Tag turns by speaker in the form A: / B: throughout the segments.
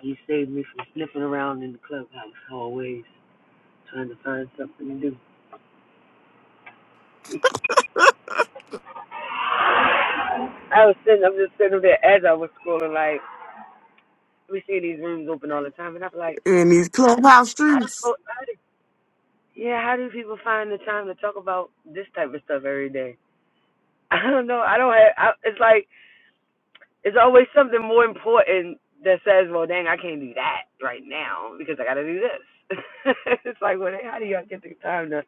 A: He saved me from sniffing around in the clubhouse hallways trying to find something to do. I was sitting, I was just sitting there as I was scrolling, like, we see these rooms open all the time, and I'm like,
B: in these clubhouse
A: how the
B: streets.
A: fuck, how do, yeah, how do people find the time to talk about this type of stuff every day? I don't know. I don't have, I, it's like, it's always something more important that says, well, dang, I can't do that right now because I got to do this. it's like, well, how do y'all get the time to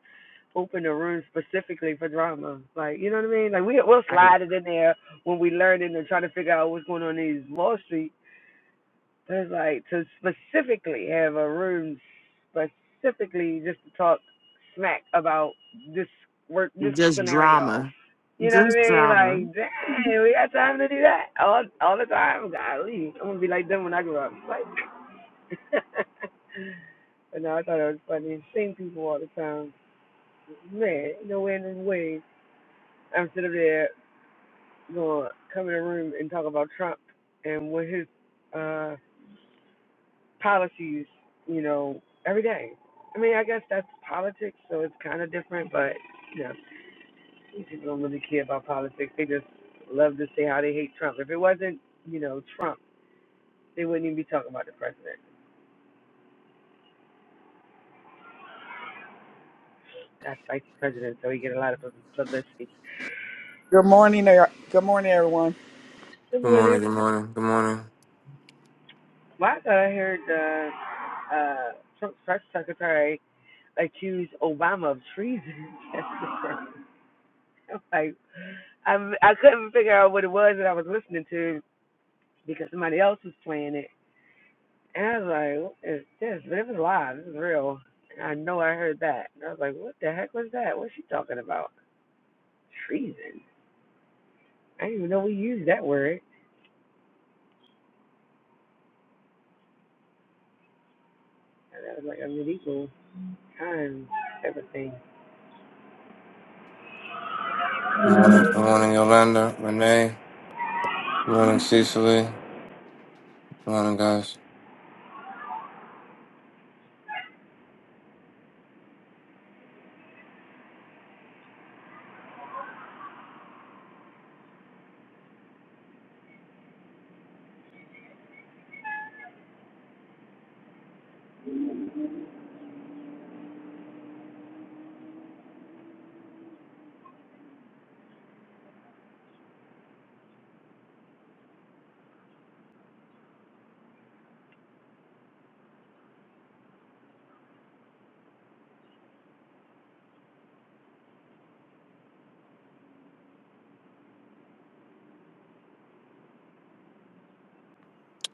A: open a room specifically for drama. Like, you know what I mean? Like, we, we'll slide it in there when we learn it and try to figure out what's going on in these Wall Street. But it's like to specifically have a room specifically just to talk smack about this work, this
B: Just
A: scenario.
B: drama.
A: You know what I
B: Just
A: mean?
B: drama.
A: Like, dang, we got time to do that all all the time. Golly, I'm gonna be like them when I grow up. Like, but no, I thought it was funny. Same people all the time. Man, ain't no end in ways. I'm sitting there going to come in the room and talk about Trump and what his uh policies, you know, every day. I mean, I guess that's politics, so it's kind of different, but you know, these people don't really care about politics. They just love to say how they hate Trump. If it wasn't, you know, Trump, they wouldn't even be talking about the president. That's spicy president, so he get a lot of pub- publicity.
C: Good morning, er- good morning, everyone.
A: Good
D: Good morning,
A: morning.
D: good morning, good morning.
A: Well, I thought I heard uh, uh, Trump's press secretary accuse Obama of treason. like I'm, I couldn't figure out what it was that I was listening to because somebody else was playing it, and I was like, "What is this?" But it was live. It was real. And I know I heard that. And I was like, "What the heck was that? What's she talking about? Treason? I didn't even know we used that word." And that was like a medieval time type of thing.
D: Good morning, good morning, Yolanda, Renee. Good morning, Cecily. Good morning, guys.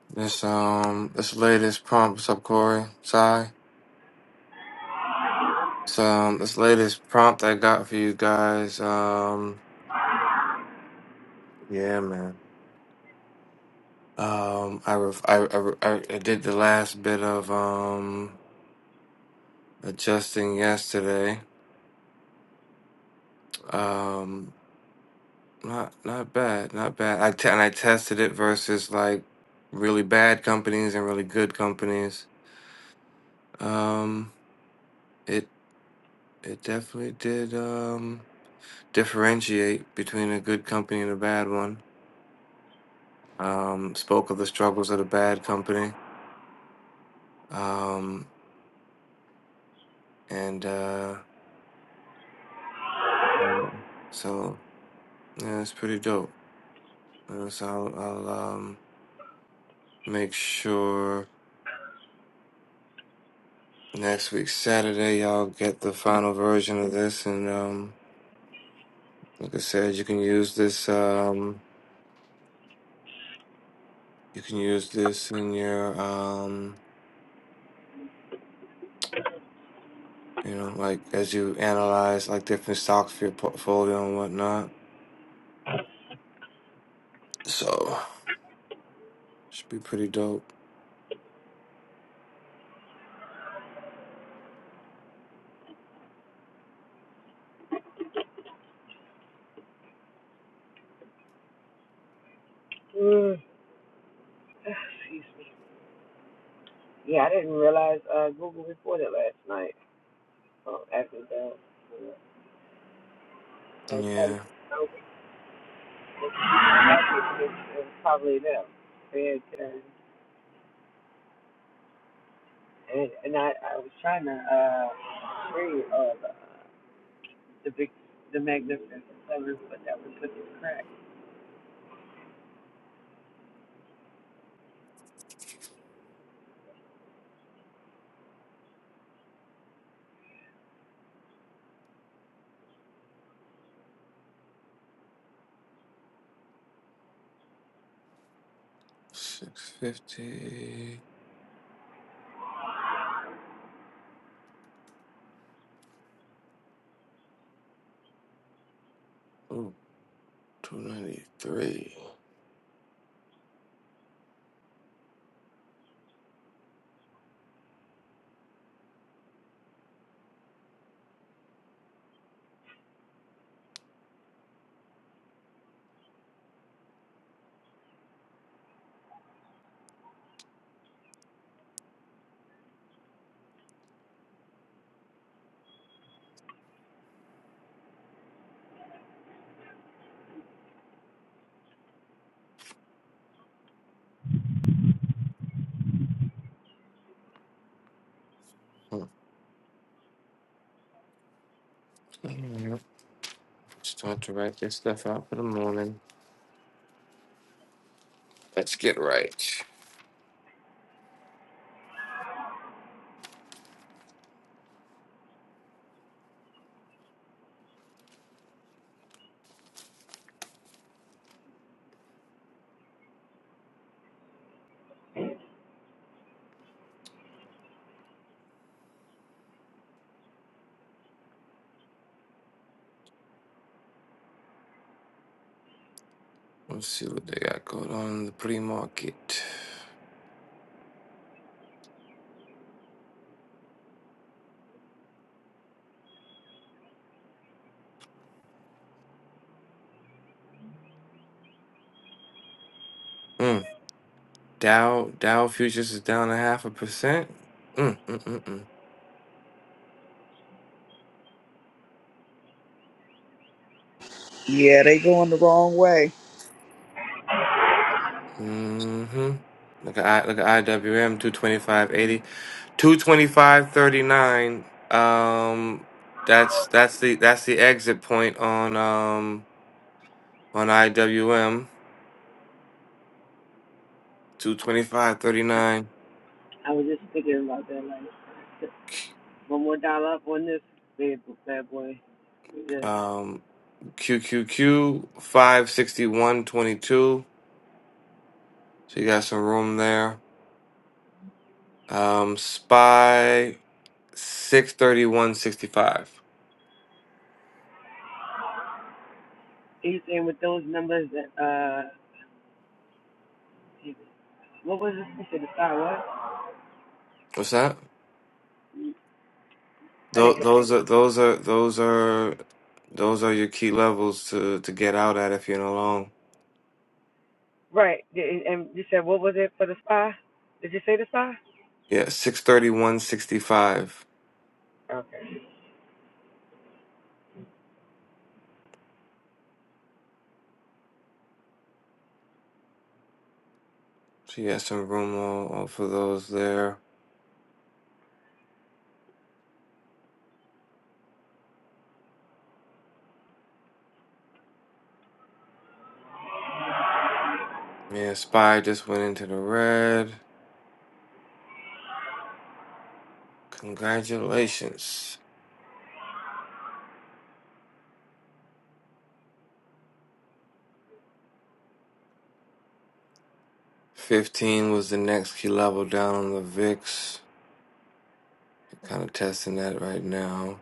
D: This um this latest prompt, what's up, Corey? Sai. So um this latest prompt I got for you guys. Um yeah, man. Um I ref- I, I re- I I did the last bit of um adjusting yesterday. Um not not bad, not bad. I t- and I tested it versus like really bad companies and really good companies Um, it it definitely did um, differentiate between a good company and a bad one. Um, spoke of the struggles of the bad company, um, and uh, Mm. so yeah, it's pretty dope. Uh, so I'll, I'll um, make sure next week Saturday y'all get the final version of this, and um, like I said, you can use this. Um, you can use this in your um, you know, like as you analyze like different stocks for your portfolio and whatnot. So should be pretty dope.
A: Mm. Excuse me. Yeah, I didn't realize uh, Google reported last night. Oh, after the, uh, I was trying
D: Yeah,
A: to. I think it was, probably them. They had, uh, and, and I, I was trying to uh, read all the, the big, the magnificent seven, but that was such a crack.
D: six fifty. Ooh, two ninety three. Start to write this stuff out for the morning. Let's get right. Let's see what they got going on in the pre-market. Mm. Dow Dow futures is down a half a percent. Mm, mm, mm, mm.
C: Yeah, they going the wrong way.
D: hmm Look at I look at IWM two twenty five eighty. 225.39 um that's that's the that's the exit point on um on IWM 225.39
A: I was just thinking about that, like, one more dollar up on this bad, bad boy. We Just,
D: um QQQ 561.22 so you got some room there um SPY 631.65
A: he's in with those numbers that, uh, he- what was it? You said the spy what?
D: what's that
A: I
D: Tho-
A: didn't get you.
D: those are those are those are those are your key levels to to get out at if you're alone.
A: Right, and and you said what was it for the spy? Did you say the spy?
D: Yeah, six thirty one sixty five.
A: Okay.
D: So you got some room all, all for those there. Yeah, spy just went into the red. Congratulations. Fifteen was the next key level down on the VIX. Kind of testing that right now.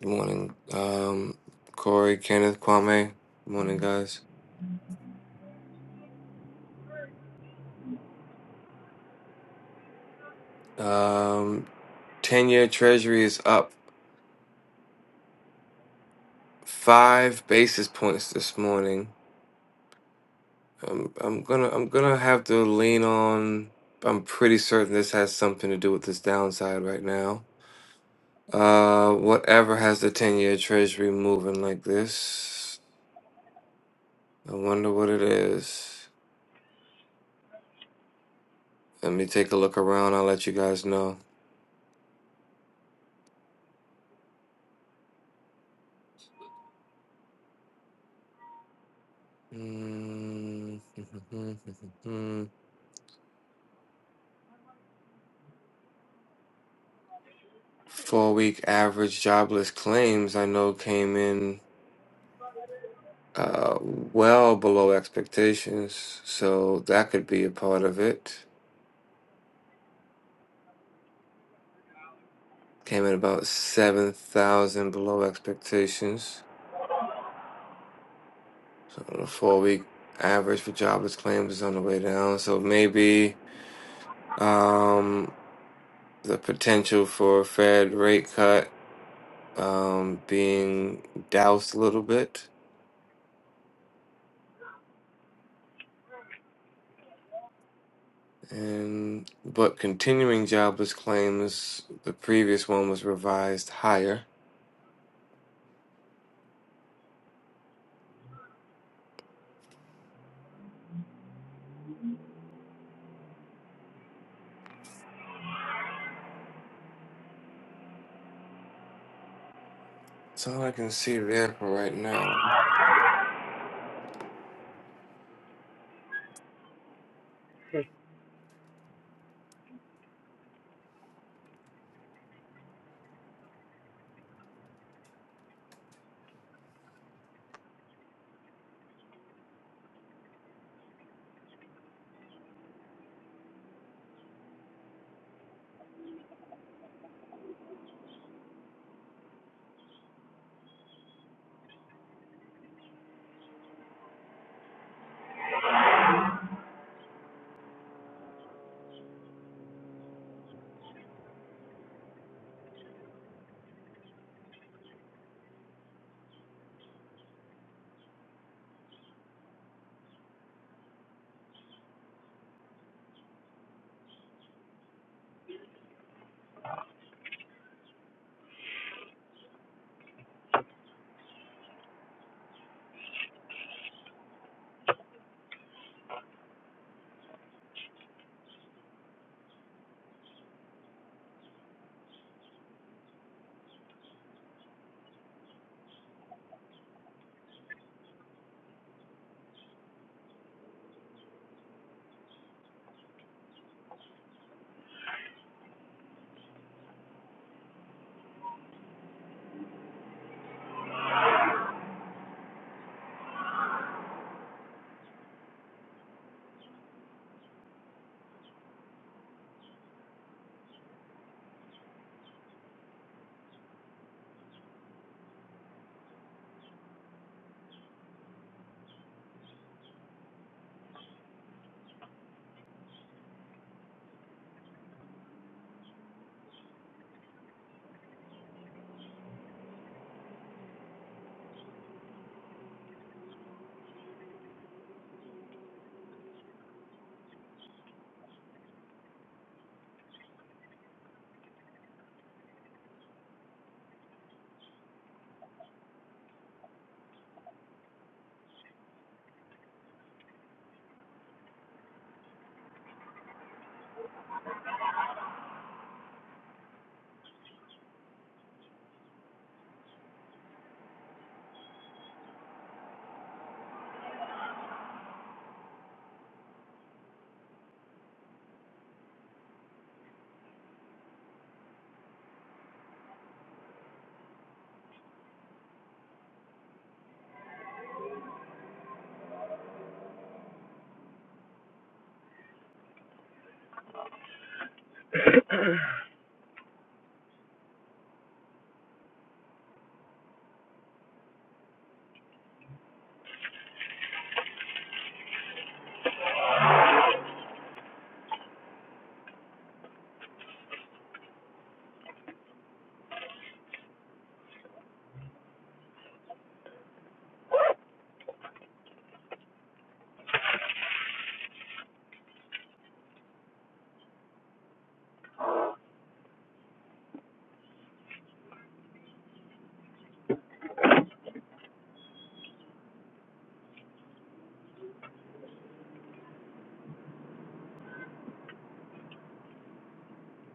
D: Good morning, um, Corey, Kenneth, Kwame. Good morning, guys. Um, ten year Treasury is up. five basis points this morning. I'm I'm gonna I'm gonna have to lean on. I'm pretty certain this has something to do with this downside right now. Uh, whatever has the ten-year Treasury moving like this? I wonder what it is. Let me take a look around. I'll let you guys know. Mm, Four-week average jobless claims I know came in. uh, well below expectations, so that could be a part of it. Came in about 7,000 below expectations. So the four week average for jobless claims is on the way down. So maybe um, the potential for a Fed rate cut um, being doused a little bit. And but continuing jobless claims, the previous one was revised higher. That's all I can see there for right now.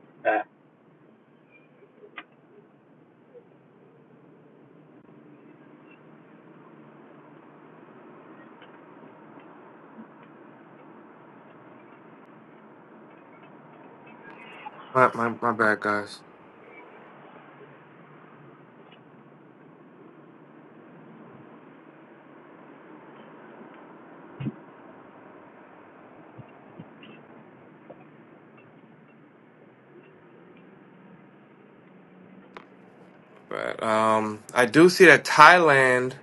A: uh,
D: My, my, my bad, guys. My bad. Um, I do see that Thailand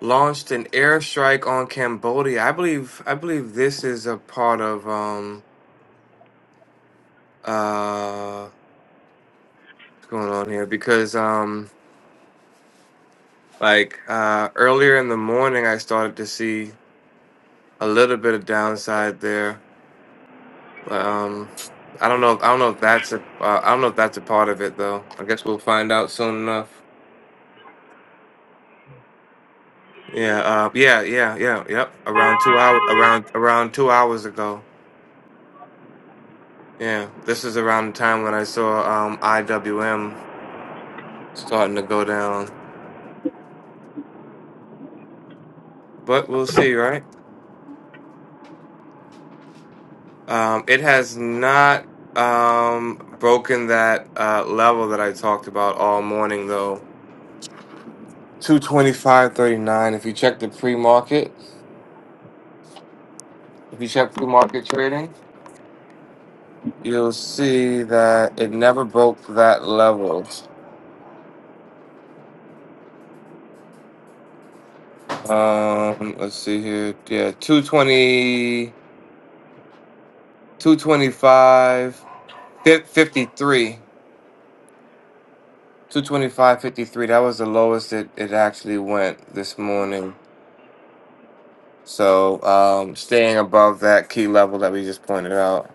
D: launched an airstrike on Cambodia. I believe I believe this is a part of um uh what's going on here because um like uh earlier in the morning I started to see a little bit of downside there. Um, I don't know. I don't know if that's a. Uh, I don't know if that's a part of it though. I guess we'll find out soon enough. Yeah. Uh, yeah. Yeah. Yeah. Yep. Around two hours. Around around two hours ago. Yeah, this is around the time when I saw um, IWM starting to go down, but we'll see, right? Um, it has not um, broken that uh, level that I talked about all morning, though. Two twenty five thirty nine. If you check the pre market, if you check pre market trading, you'll see that it never broke that level. Um, let's see here. Yeah, two twenty-two twenty-five fifty-three. 225.53. That was the lowest it, it actually went this morning. So um, staying above that key level that we just pointed out.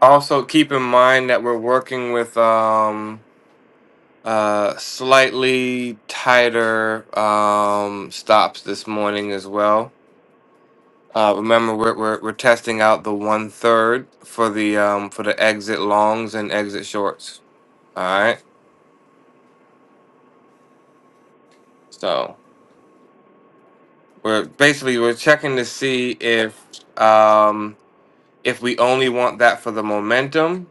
D: Also, keep in mind that we're working with um, uh, slightly tighter um, stops this morning as well. Uh, remember, we're, we're we're testing out the one third for the um, for the exit longs and exit shorts. All right, so we're basically we're checking to see if um, if we only want that for the momentum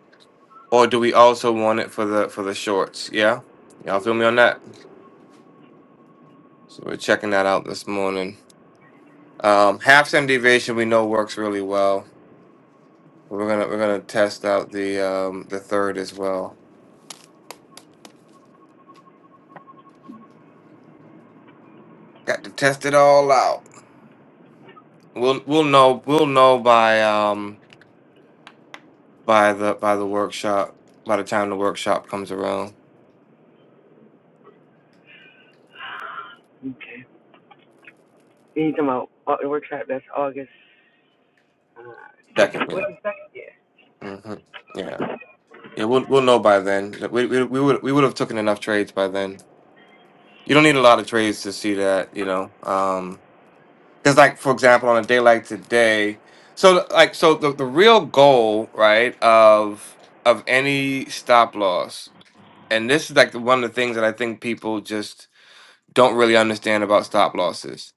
D: or do we also want it for the for the shorts yeah y'all feel me on that so we're checking that out this morning um half standard deviation we know works really well we're gonna we're gonna test out the um the third as well got to test it all out we'll we'll know we'll know by um by the by the workshop by the time the workshop comes around
A: okay. You talking about uh, the workshop? That's August. Uh,
D: second yeah
A: what's the second year?
D: hmm yeah yeah we'll, we'll know by then we, we, we would we would have taken enough trades by then you don't need a lot of trades to see that, you know. Um, because like for example, on a day like today, so like so the, the real goal, right, of of any stop loss, and this is like the- one of the things that I think people just don't really understand about stop losses.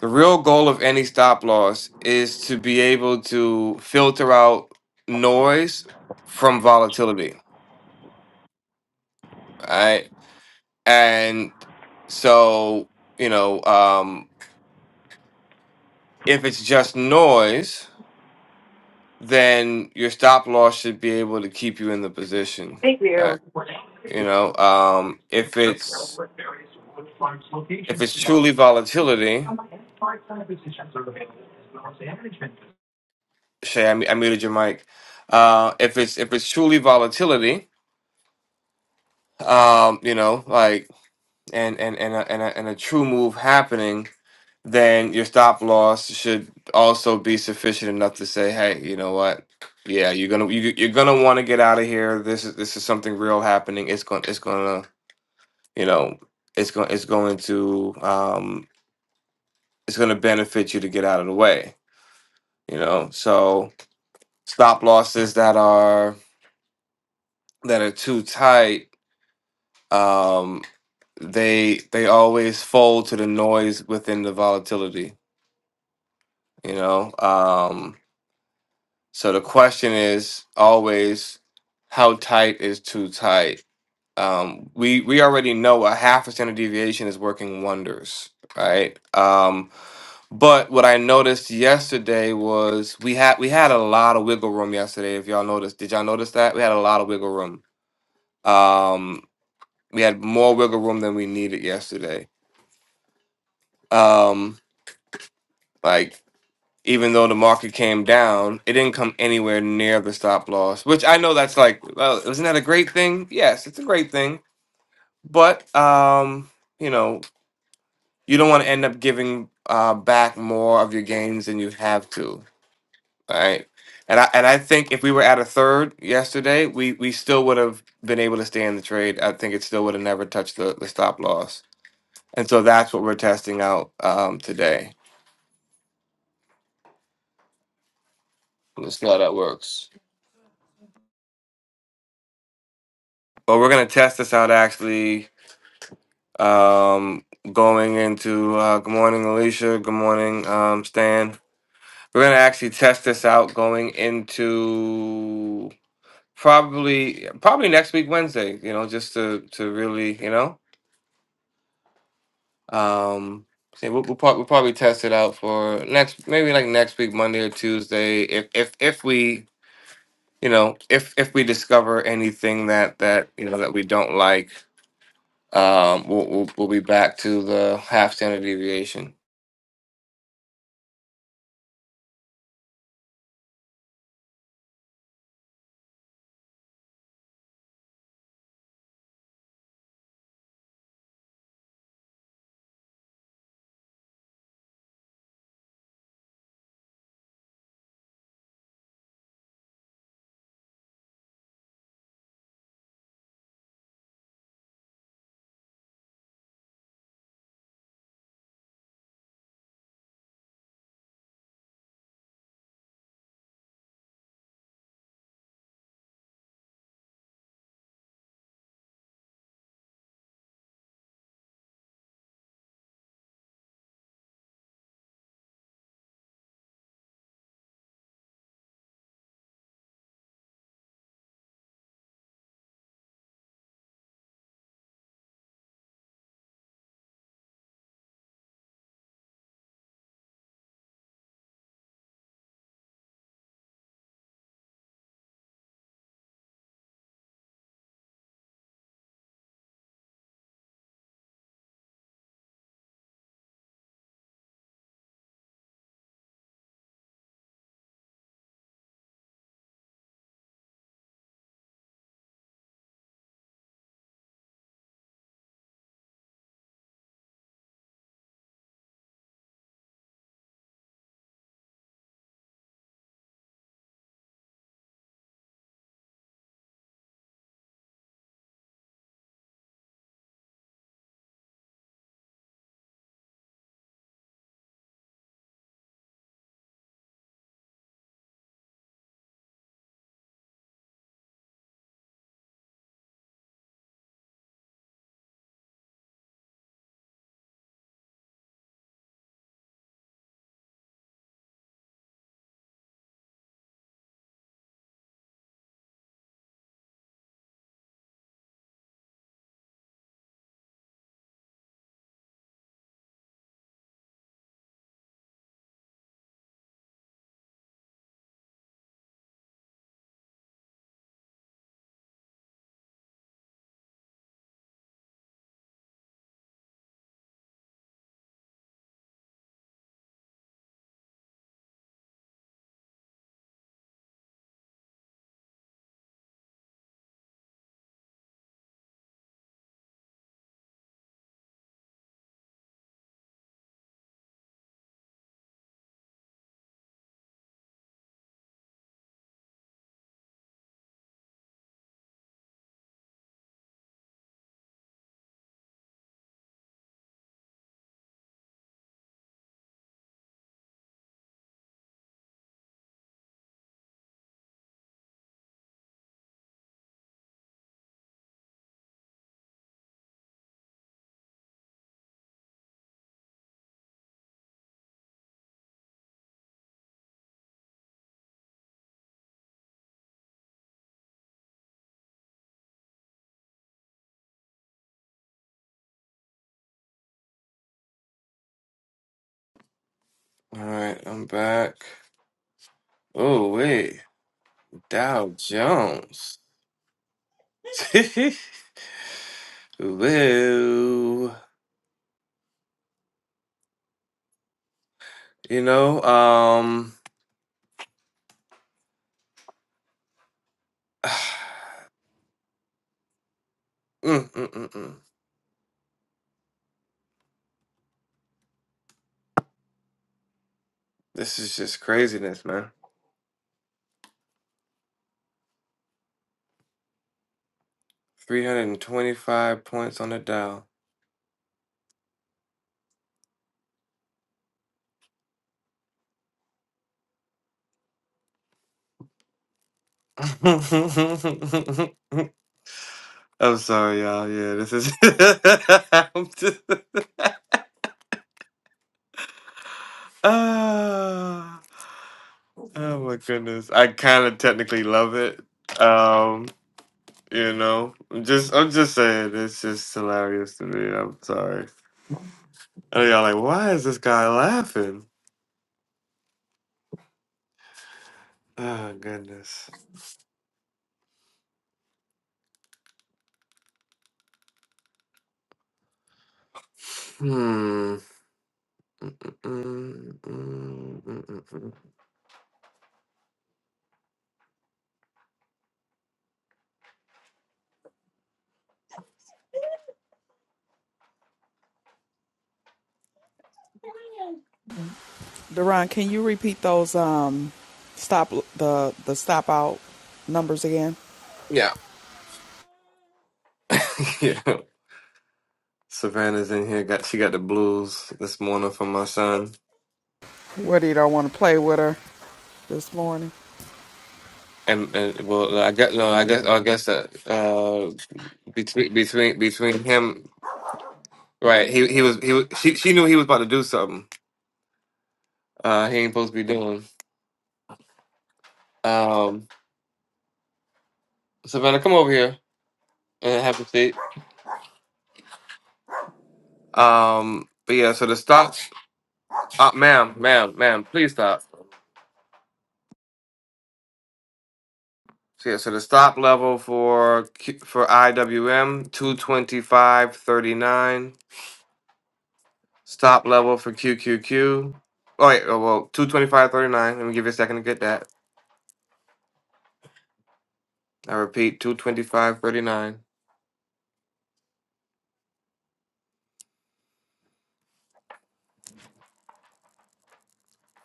D: The real goal of any stop loss is to be able to filter out noise from volatility, right? And so, you know, um If it's just noise, then your stop loss should be able to keep you in the position. Right. You know, um, if it's if it's truly volatility, Shay, I, mu- I muted your mic. Uh, if it's if it's truly volatility, um, you know, like and and and a, and a, and a true move happening, then your stop loss should also be sufficient enough to say, hey, you know what? Yeah, you're gonna you, you're gonna want to get out of here. This is this is something real happening. It's going it's gonna you know it's going it's going to um it's going to benefit you to get out of the way you know so stop losses that are that are too tight um they they always fold to the noise within the volatility you know um so the question is always how tight is too tight um we we already know a half a standard deviation is working wonders right um But what I noticed yesterday was we had we had a lot of wiggle room yesterday. If y'all noticed, did y'all notice that we had a lot of wiggle room? Um, we had more wiggle room than we needed yesterday. Um, like even though the market came down, it didn't come anywhere near the stop loss. Which I know that's like, well, isn't that a great thing? Yes, it's a great thing. But um, you know, you don't want to end up giving uh, back more of your gains than you have to. All right. And I and I think if we were at a third yesterday, we we still would have been able to stay in the trade. I think it still would have never touched the, the stop loss. And so that's what we're testing out um today. Let's see how that works. But we're gonna test this out actually um going into uh good morning Alicia, good morning um Stan. We're gonna actually test this out going into probably probably next week Wednesday, you know, just to to really, you know. Um, see, we'll, we'll, prob- we'll probably test it out for next, maybe like next week, Monday or Tuesday, if if if we, you know, if if we discover anything that that you know that we don't like, um, we'll we'll, we'll be back to the half standard deviation. All right, I'm back. Oh wait, Dow Jones. Woo. You know, um, mm, mm, mm, mm. this is just craziness, man. 325 points on the dial. I'm sorry, y'all. Yeah, this is. I'm just. Ah. oh my goodness. I kind of technically love it. Um, you know, I'm just, I'm just saying, it's just hilarious to me. I'm sorry. And y'all like, why is this guy laughing? Oh goodness. Hmm. Mm, mm, mm, mm, mm.
C: Duran, can you repeat those um stop the the stop out numbers again?
D: Yeah. yeah. Savannah's in here. Got she got the blues this morning from my son.
C: What do you don't want to play with her this morning?
D: And, and well, I guess no, I guess I guess that uh, between between between him, right? He he was he was she she knew he was about to do something. Uh, he ain't supposed to be doing. Um, Savannah, come over here and have a seat. Um, but yeah, so the stop, uh, ma'am, ma'am, ma'am, please stop. So yeah, so the stop level for Q- for IWM two twenty five thirty nine. Stop level for QQQ. Oh, wait, oh, well, 225.39. Let me give you a second to get that. I repeat, 225.39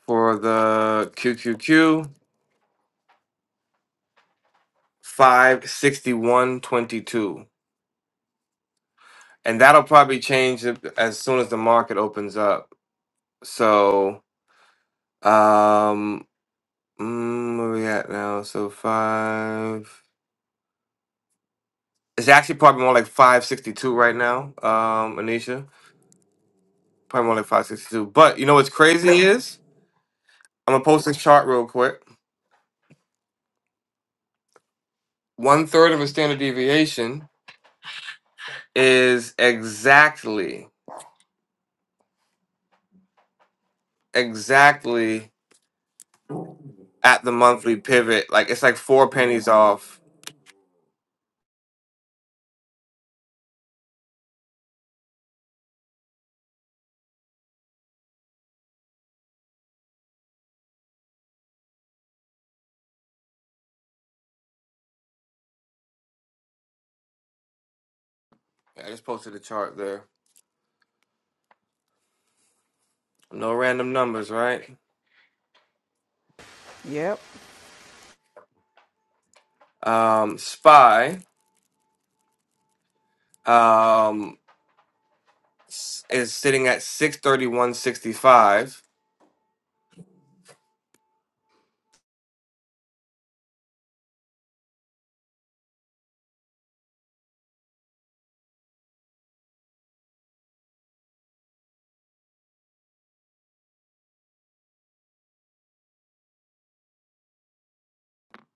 D: for the QQQ, 561.22. And that'll probably change it as soon as the market opens up. So, um, mm, where we at now? So, five. It's actually probably more like 562 right now, um, Anisha. Probably more like 562. But you know what's crazy is? I'm gonna post this chart real quick. One third of a standard deviation is exactly, exactly at the monthly pivot. Like it's like four pennies off. Yeah, I just posted a chart there. No random numbers, right?
C: Yep,
D: Um, SPY um, s- is sitting at 631.65.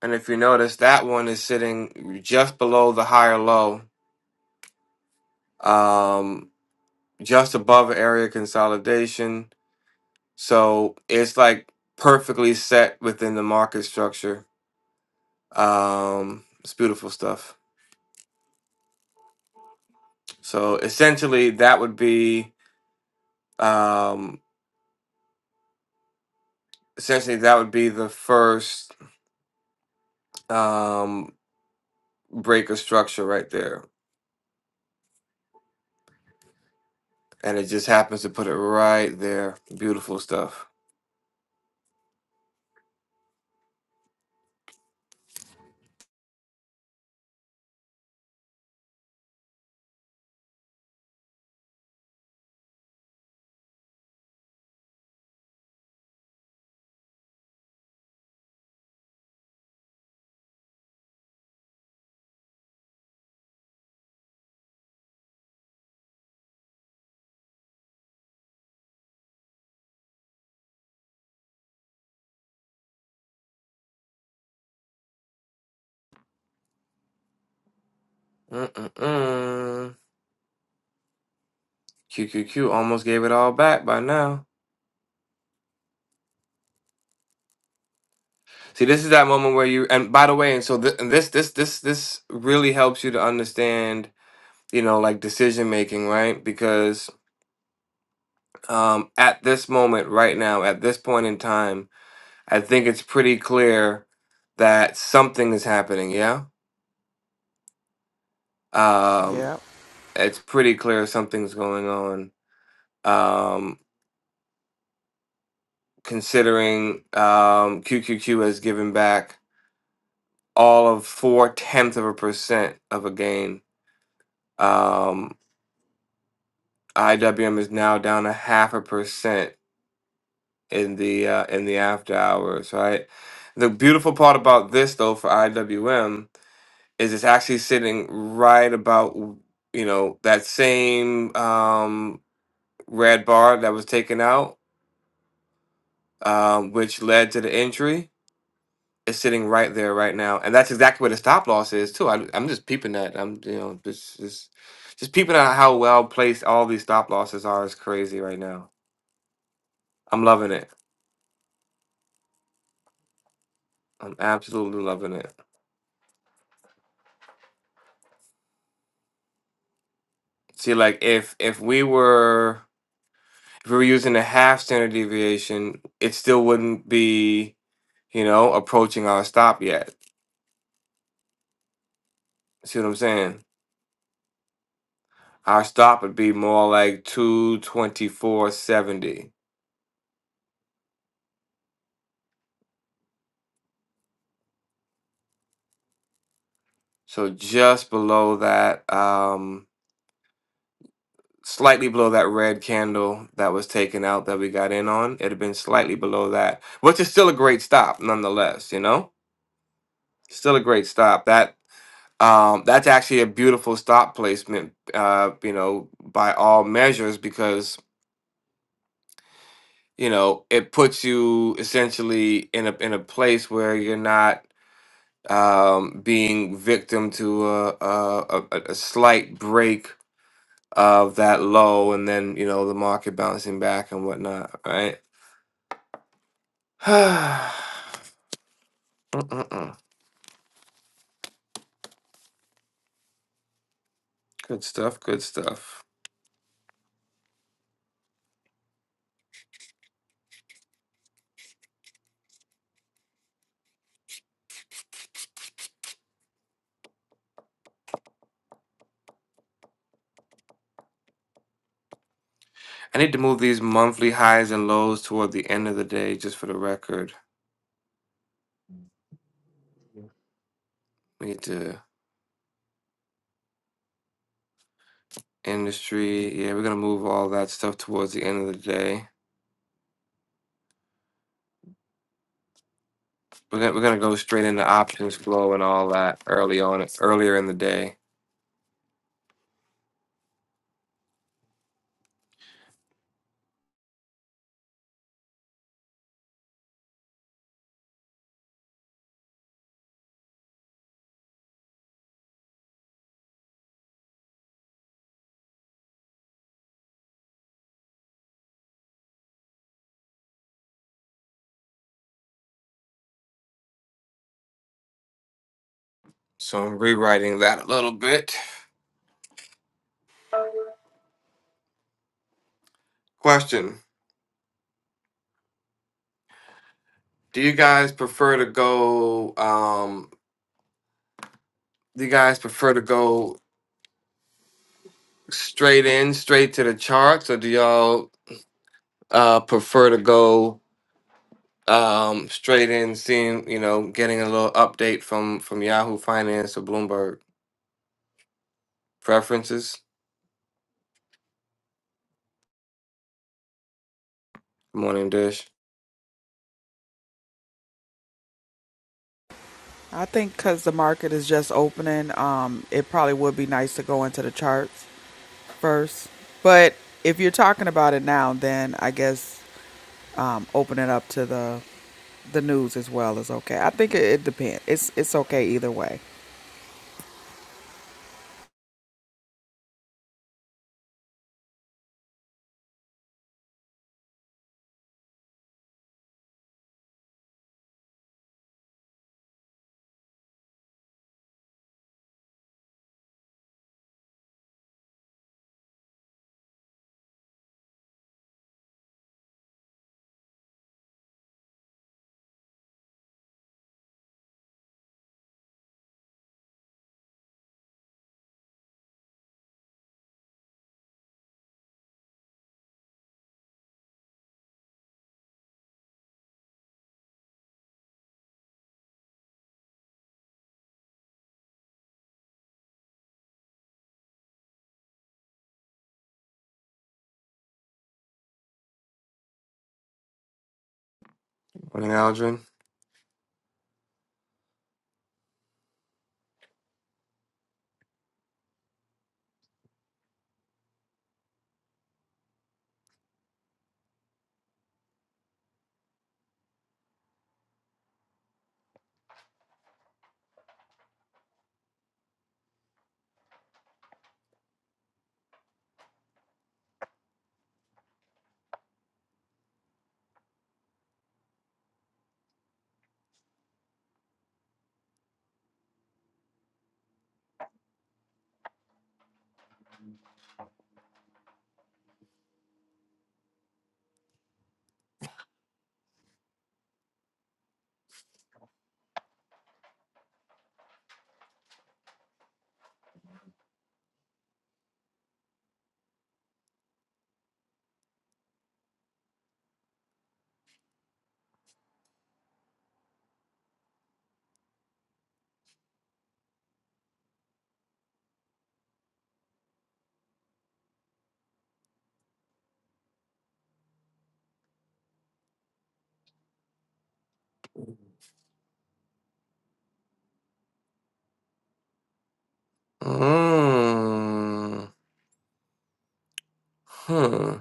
D: And if you notice, that one is sitting just below the higher low, um, just above area consolidation So it's like perfectly set within the market structure. Um, it's beautiful stuff. So essentially, that would be um, essentially that would be the first um, breaker structure right there, and it just happens to put it right there. Beautiful stuff. Mm-mm-mm. QQQ almost gave it all back by now. See, this is that moment where you and by the way, and so th- and this this this this really helps you to understand you know, like decision making, right? Because um, at this moment, right now, at this point in time, I think it's pretty clear that something is happening. Yeah, um,
C: yep.
D: it's pretty clear something's going on. Um, considering um, QQQ has given back all of four tenths of a percent of a gain, um, IWM is now down a half a percent in the uh, in the after hours, right? The beautiful part about this though for IWM is it's actually sitting right about you know that same um, red bar that was taken out, um, which led to the injury. Is sitting right there right now, and that's exactly where the stop loss is too. I, I'm just peeping that. I'm you know just just just peeping out how well placed all these stop losses are is crazy right now. I'm loving it. I'm absolutely loving it. See, like if if we were if we were using a half standard deviation, it still wouldn't be, you know, approaching our stop yet. See what I'm saying? Our stop would be more like 224.70. So just below that, um, slightly below that red candle that was taken out that we got in on. it had been slightly below that, which is still a great stop nonetheless, you know? Still a great stop. That Um, that's actually a beautiful stop placement, uh, you know, by all measures, because you know it puts you essentially in a in a place where you're not um, being victim to a, a a a slight break of that low, and then you know the market bouncing back and whatnot, right? Mm-mm-mm. good stuff. Good stuff. I need to move these monthly highs and lows toward the end of the day, just for the record. Need to. industry. Yeah, we're gonna move all that stuff towards the end of the day. We're gonna we're gonna go straight into options flow and all that early on earlier in the day. So I'm rewriting that a little bit. Question: Do you guys prefer to go? Um, do you guys prefer to go straight in, straight to the charts, or do y'all uh, prefer to go? um straight in seeing you know getting a little update from from yahoo finance or bloomberg preferences morning dish
C: I think because the market is just opening, um, it probably would be nice to go into the charts first. But if you're talking about it now, then I guess um, open it up to the the news as well is okay. I think it, it depends. It's it's okay either way.
D: Morning, Aldrin. Mm. Hmm.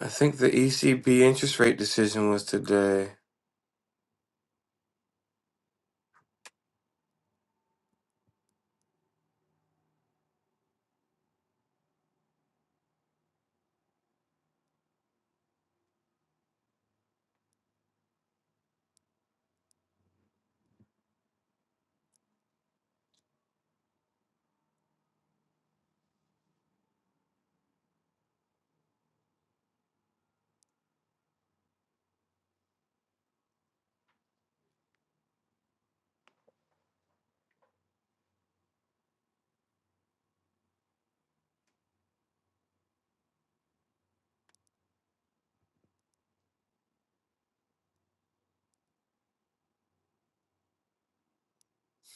D: I think the ECB interest rate decision was today.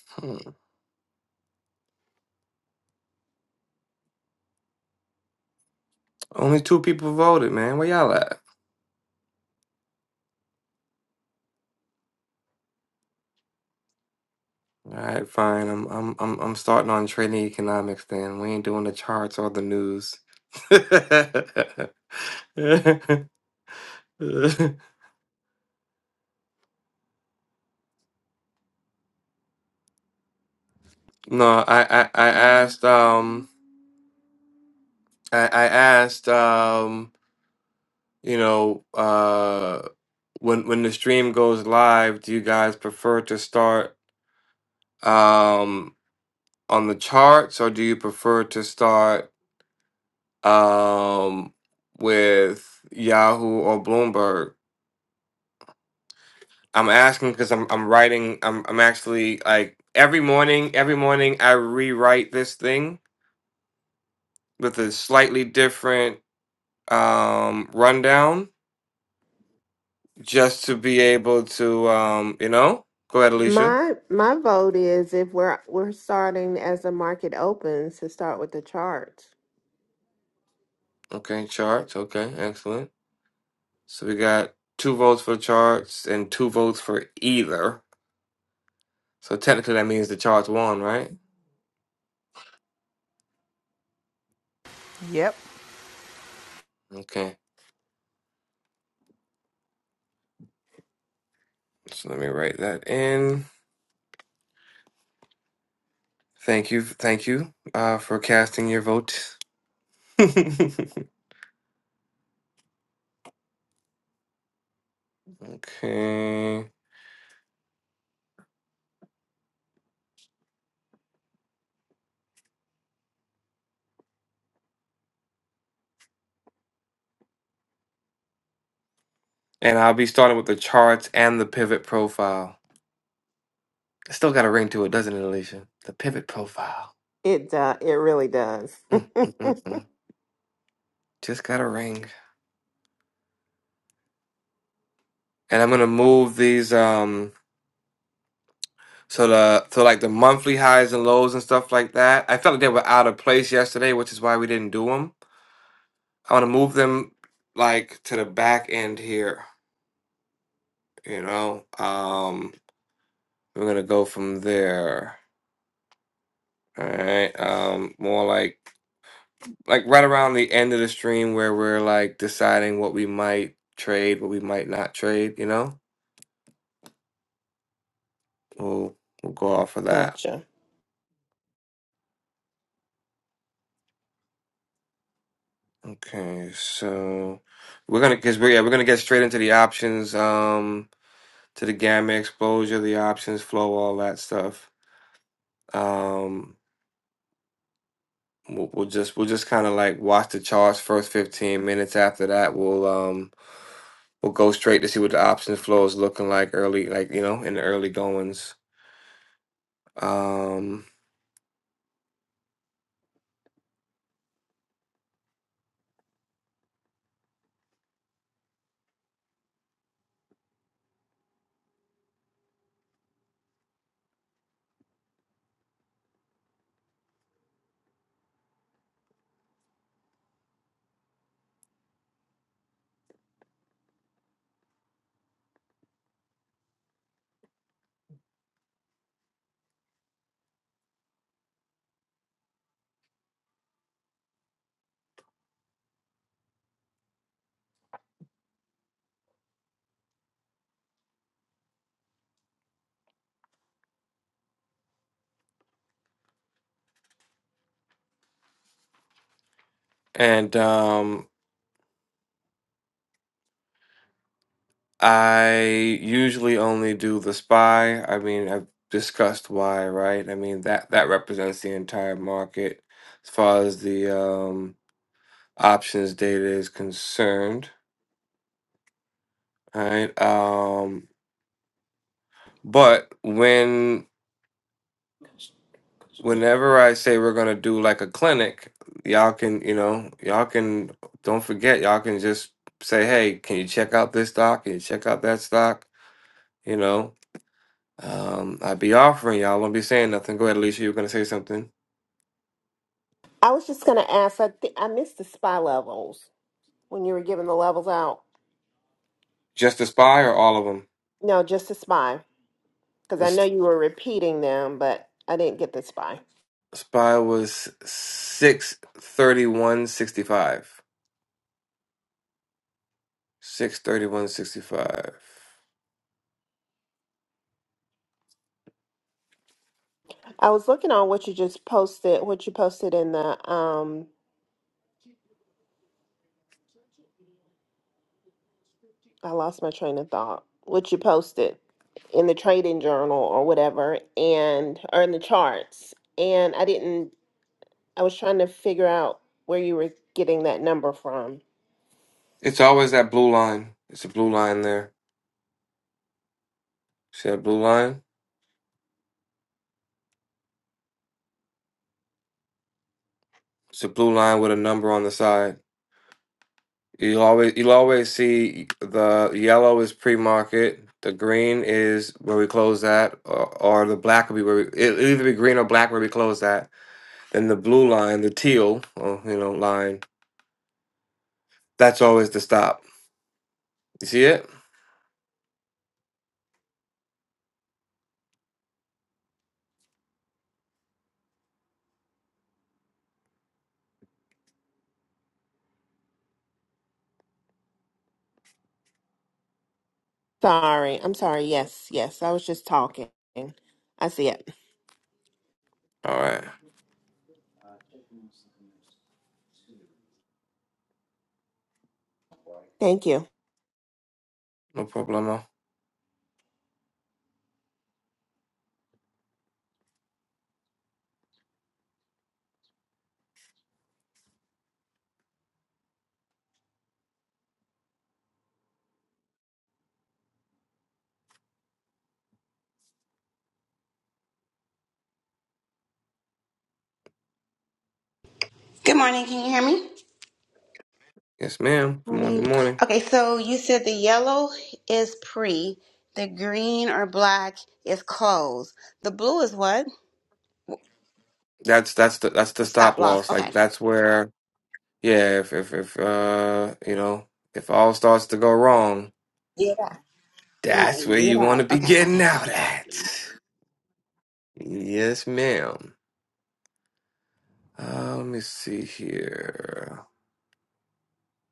D: Hmm. Only two people voted, man. Where y'all at? All right, fine. I'm I'm I'm I'm starting on trading economics then. We ain't doing the charts or the news. no, I, I I asked um I I asked um you know uh when when the stream goes live, do you guys prefer to start um, on the charts, or do you prefer to start um, with Yahoo or Bloomberg? I'm asking because I'm I'm writing. I'm I'm actually like every morning. Every morning I rewrite this thing with a slightly different um, rundown, just to be able to um, you know. Go ahead, Alicia.
E: My my vote is if we're we're starting as the market opens to start with the charts.
D: Okay, charts. Okay, excellent. So we got two votes for charts and two votes for either. So technically that means the charge won, right?
C: Yep.
D: Okay. So let me write that in. Thank you, thank you, uh, for casting your vote. okay. And I'll be starting with the charts and the pivot profile. It's still got a ring to it, doesn't it, Alicia? The pivot profile.
E: It uh, it really does.
D: Mm, mm, mm, mm. Just got a ring. And I'm gonna move these um so the so like the monthly highs and lows and stuff like that. I felt like they were out of place yesterday, which is why we didn't do them I want to move them like to the back end here, you know. Um, we're gonna go from there. All right. Um, more like like right around the end of the stream where we're like deciding what we might trade, what we might not trade, you know. We'll we'll go off of that.
E: Gotcha.
D: Okay, so we're gonna because we're yeah, we're gonna get straight into the options, um, to the gamma exposure, the options flow, all that stuff. um. We'll, we'll just we'll just kind of like watch the charts first 15 minutes. After that, we'll um we'll go straight to see what the option flow is looking like early, like you know, in the early goings. Um and um I usually only do the SPY. I mean, I've discussed why, right? I mean that that represents the entire market as far as the um options data is concerned, right? Um but when whenever I say we're gonna do like a clinic, y'all can, you know, y'all can don't forget, y'all can just say, hey, can you check out this stock? Can you check out that stock? You know, um, I'd be offering y'all. I won't be saying nothing. Go ahead, Alicia. You were gonna say something.
E: I was just gonna ask. I think I missed the spy levels when you were giving the levels out.
D: Just the spy or all of them?
E: No, just the spy because
D: The
E: I
D: s-
E: know you were repeating them, but I didn't get the spy.
D: spy was six thirty one sixty five. Six thirty one sixty five.
E: I was looking on what you just posted. What you posted in the um I lost my train of thought. What you posted in the trading journal or whatever, and or in the charts, and I didn't. I was trying to figure out where you were getting that number from.
D: It's always that blue line. It's a blue line there. See that blue line? It's a blue line with a number on the side. You always you always see the yellow is pre-market, the green is where we close that, or, or the black will be where we, it it'll either be green or black where we close that. Then the blue line, the teal, or, you know, line. That's always the stop. You see it?
E: Sorry, I'm sorry. Yes, yes, I was just talking. I see it.
D: All right,
E: Thank you.
D: no problemo.
F: Good morning. Can you hear me?
D: Yes, ma'am. Good morning.
F: Morning.
D: Good morning.
F: Okay, so you said the yellow is pre, the green or black is close, the blue is what?
D: That's that's the that's the
F: The stop
D: stop
F: loss.
D: loss.
F: Okay.
D: Like that's where yeah, if if if uh you know if all starts to go wrong,
F: Yeah. All
D: that's
F: right.
D: where
F: Get
D: you want
F: out.
D: to be
F: Okay.
D: getting
F: Okay.
D: out
F: Thanks.
D: at. Yes, ma'am. Uh, let me see here.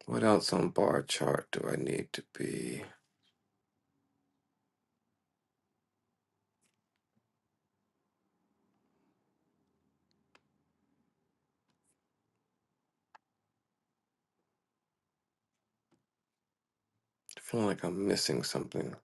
D: What else on bar chart do I need to be? I feel like I'm missing something.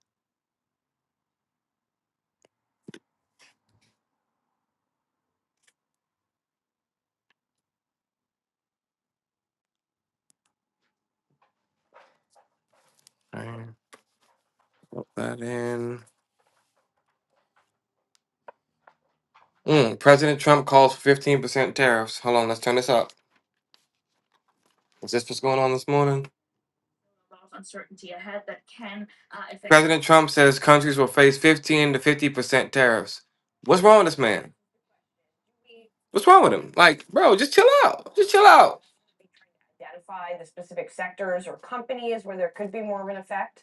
D: Alright, Put that in. Mm, President Trump calls for 15% tariffs. Hold on, let's turn this up. Is this what's going on this morning? President Trump says countries will face 15 to 50% tariffs. What's wrong with this man? What's wrong with him? Like, bro, just chill out. Just chill out. identify the specific sectors or companies where there could be more of an effect?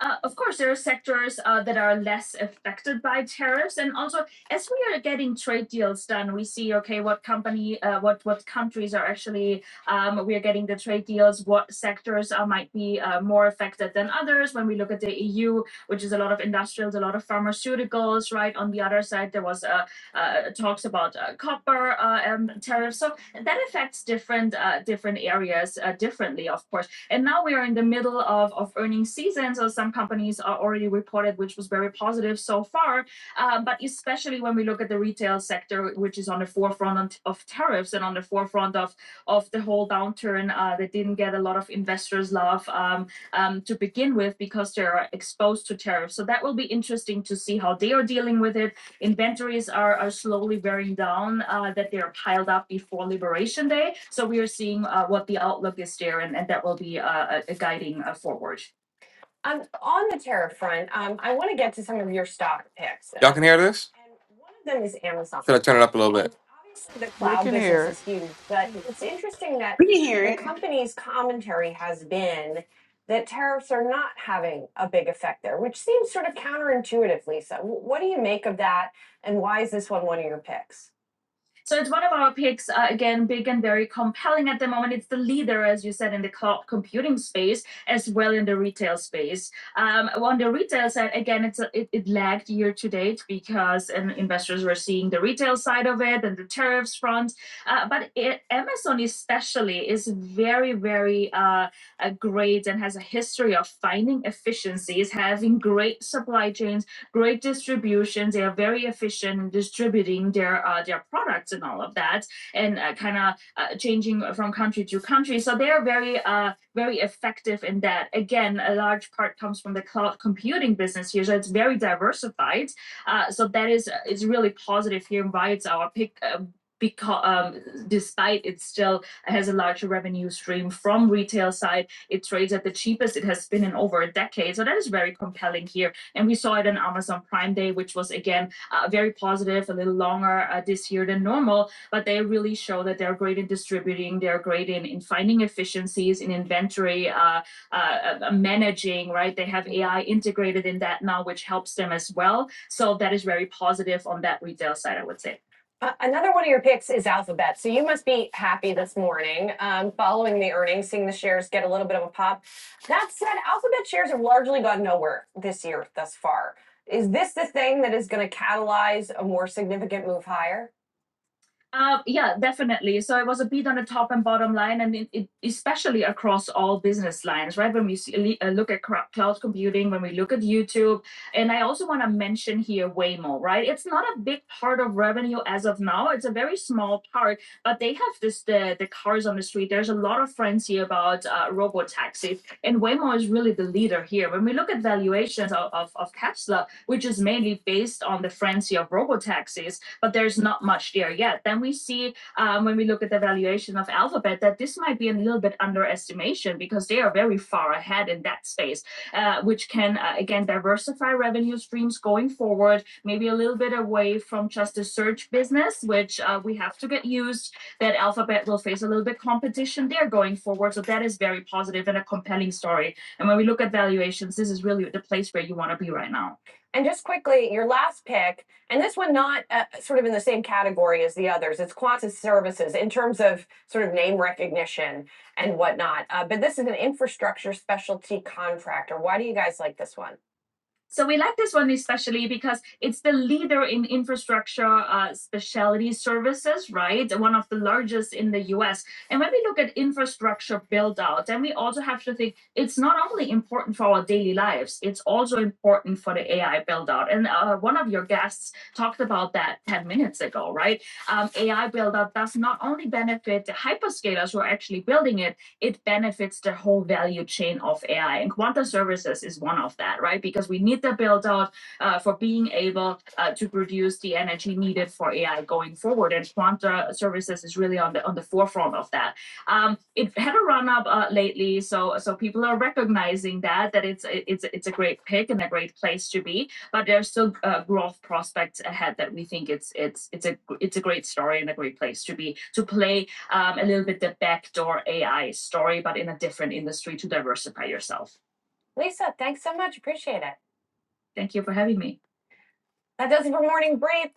D: Uh, of course, there are sectors uh, that are less affected by tariffs, and also as we are getting trade deals done, we see okay what company, uh, what what countries are actually um, we are getting the trade deals. What sectors uh, might be uh, more affected than others? When we look at the EU, which is a lot of industrials, a lot of pharmaceuticals, right? On the other side, there was uh, uh, talks about uh, copper uh, um, tariffs, so that affects different uh, different areas uh, differently, of course. And now we are in the middle of, of earnings season, so some companies are already reported, which was very positive so far. Uh, but especially when we look at the retail sector, which is on the forefront of tariffs and on the forefront of, of the whole downturn uh, that didn't get a lot of investors' love um, um, to begin with because they're exposed to tariffs. So that will be interesting to see how they are dealing with it inventories are, are slowly wearing down, uh, that they're piled up before Liberation Day. So we are seeing, uh, what the outlook is there and, and that will be, uh, uh, guiding uh, forward. Um, on the tariff front, um, I want to get to some of your stock picks. Y'all can hear this? And one of them is Amazon. Should I turn it up a little bit? obviously, the
C: We
D: cloud
C: can hear
D: business
C: it.
D: is huge, but it's interesting that
F: We can hear
D: the
F: it.
D: company's commentary has been that tariffs are not having a big effect there, which seems sort of counterintuitive, Lisa. Wh- What do you make of that? And why is this one one of your picks? So it's one of our picks, uh, again, big and very compelling at the moment. It's the leader, as you said, in the cloud computing space as well in the retail space. Um, well, on the retail side, again, it's a, it, it lagged year to date because and investors were seeing the retail side of it and the tariffs front. Uh, but it, Amazon especially is very, very uh, uh, great and has a history of finding efficiencies, having great supply chains great distributions. They are very efficient in distributing their uh, their products and all of that, and uh, kind of uh, changing from country to country. So they are very uh, very effective in that. Again, a large part comes from the cloud computing business here, so it's very diversified. Uh, so that is uh, is really positive here and why it's our pick. Uh, because um, despite it still has a larger revenue stream from retail side it trades at the cheapest it has been in over a decade so that is very compelling here and we saw it on Amazon Prime Day, which was again uh, very positive, a little longer uh, this year than normal. But they really show that they're great in distributing, they're great in, in finding efficiencies in inventory uh, uh, uh, uh, managing, right? They have AI integrated in that now, which helps them as well. So that is very positive on that retail side, I would say. Uh, another one of your picks is Alphabet. So you must be happy this morning, um, following the earnings, seeing the shares get a little bit of a pop. That said, Alphabet shares have largely gone nowhere this year thus far. Is this the thing that is going to catalyze a more significant move higher? Uh, yeah, definitely. So it was a beat on the top and bottom line, and it, it, especially across all business lines, right? When we see, uh, look at cra- cloud computing, when we look at YouTube, and I also want to mention here Waymo, right? It's not a big part of revenue as of now. It's a very small part, but they have this the the cars on the street. There's a lot of frenzy about uh, robo taxis, and Waymo is really the leader here. When we look at valuations of, of, of Tesla, which is mainly based on the frenzy of robo taxis, but there's not much there yet. Then we see um, when we look at the valuation of Alphabet that this might be a little bit underestimation because they are very far ahead in that space, uh, which can uh, again diversify revenue streams going forward, maybe a little bit away from just the search business, which uh, we have to get used that Alphabet will face a little bit competition there going forward. So that is very positive and a compelling story. And when we look at valuations, this is really the place where you want to be right now. And just quickly, your last pick, and this one not uh, sort of in the same category as the others. It's Qantas Services in terms of sort of name recognition and whatnot. Uh, but this is an infrastructure specialty contractor. Why do you guys like this one? So we like this one especially because it's the leader in infrastructure uh, specialty services, right? One of the largest in the US. And when we look at infrastructure build out, then we also have to think it's not only important for our daily lives, it's also important for the AI build out. And uh, one of your guests talked about that 10 minutes ago, right? Um, AI build out does not only benefit the hyperscalers who are actually building it, it benefits the whole value chain of AI. And Quanta Services is one of that, right? Because we need the build out uh, for being able uh, to produce the energy needed for AI going forward. And Quanta Services is really on the on the forefront of that. Um, it had a run up uh, lately, so so people are recognizing that that it's it's it's a great pick and a great place to be. But there's still uh, growth prospects ahead that we think it's it's it's a it's a great story and a great place to be to play um, a little bit the backdoor AI story, but in a different industry to diversify yourself. Lisa, thanks so much. Appreciate it. Thank you for having me. That does it for morning brief.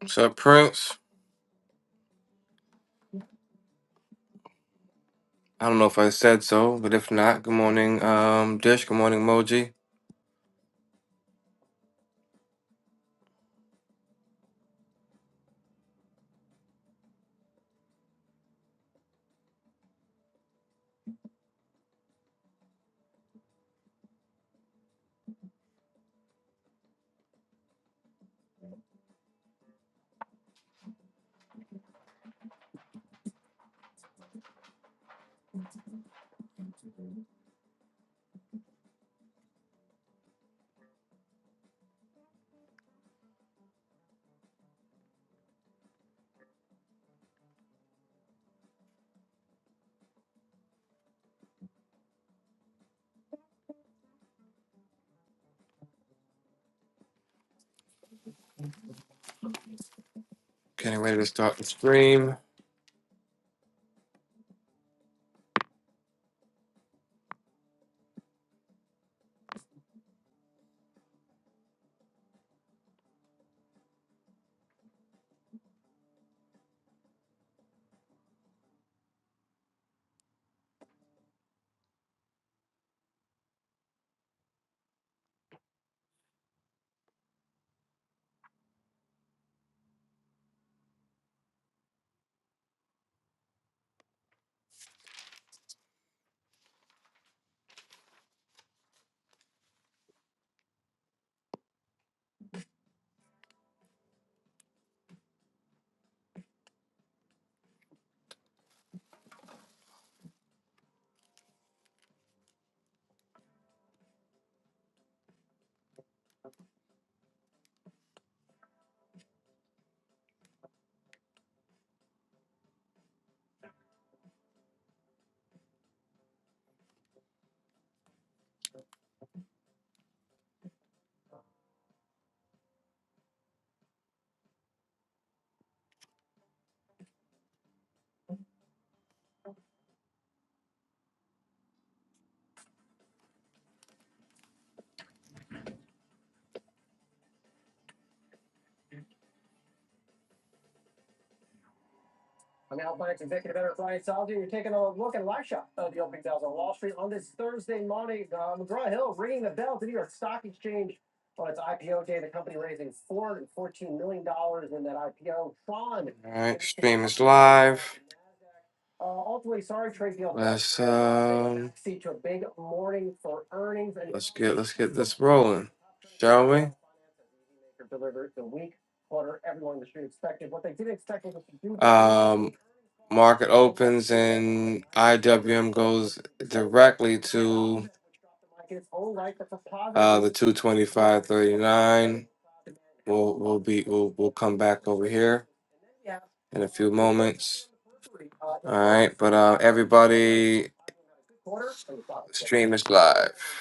D: What's up, Prince? I don't know if I said so, but if not, good morning, um, Dish. Good morning, Moji. Getting ready to start the stream. All right, stream is live. let's get rolling, IWM two twenty we'll be we'll we'll come back in a few moments. All right, but uh, everybody, stream is live.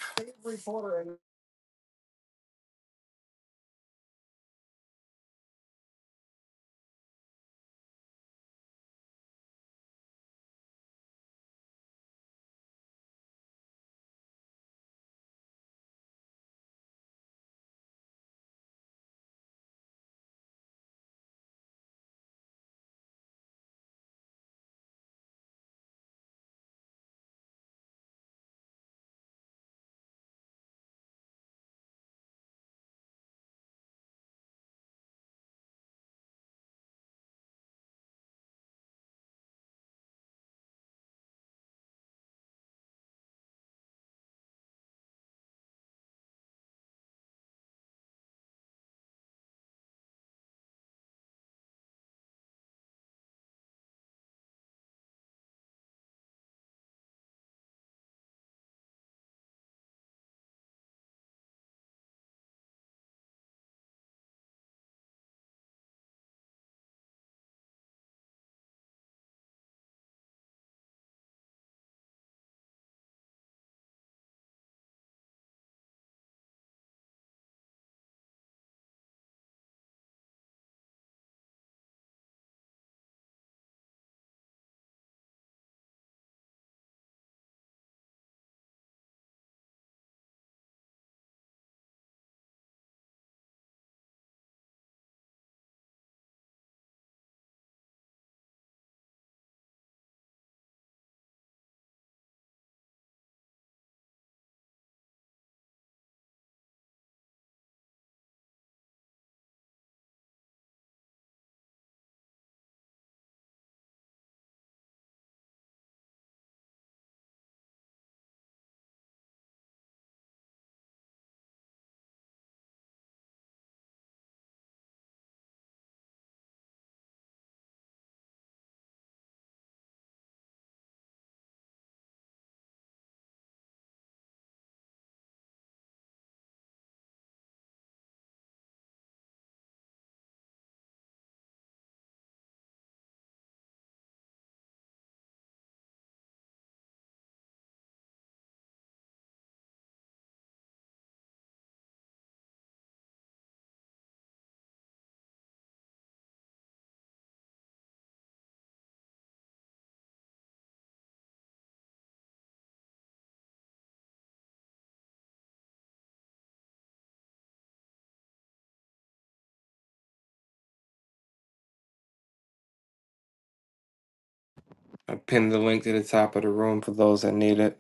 D: I pinned the link to the top of the room for those that need it.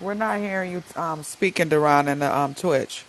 C: We're not hearing you um, speaking, Duran, in the um, Twitch.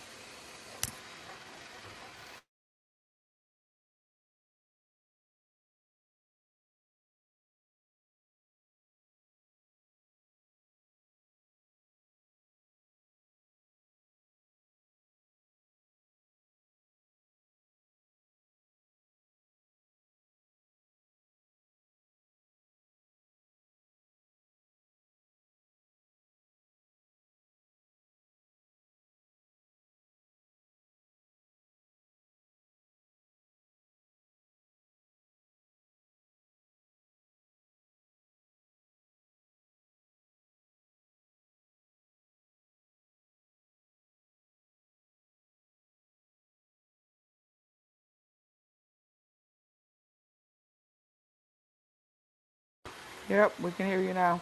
C: Yep, we can hear you now.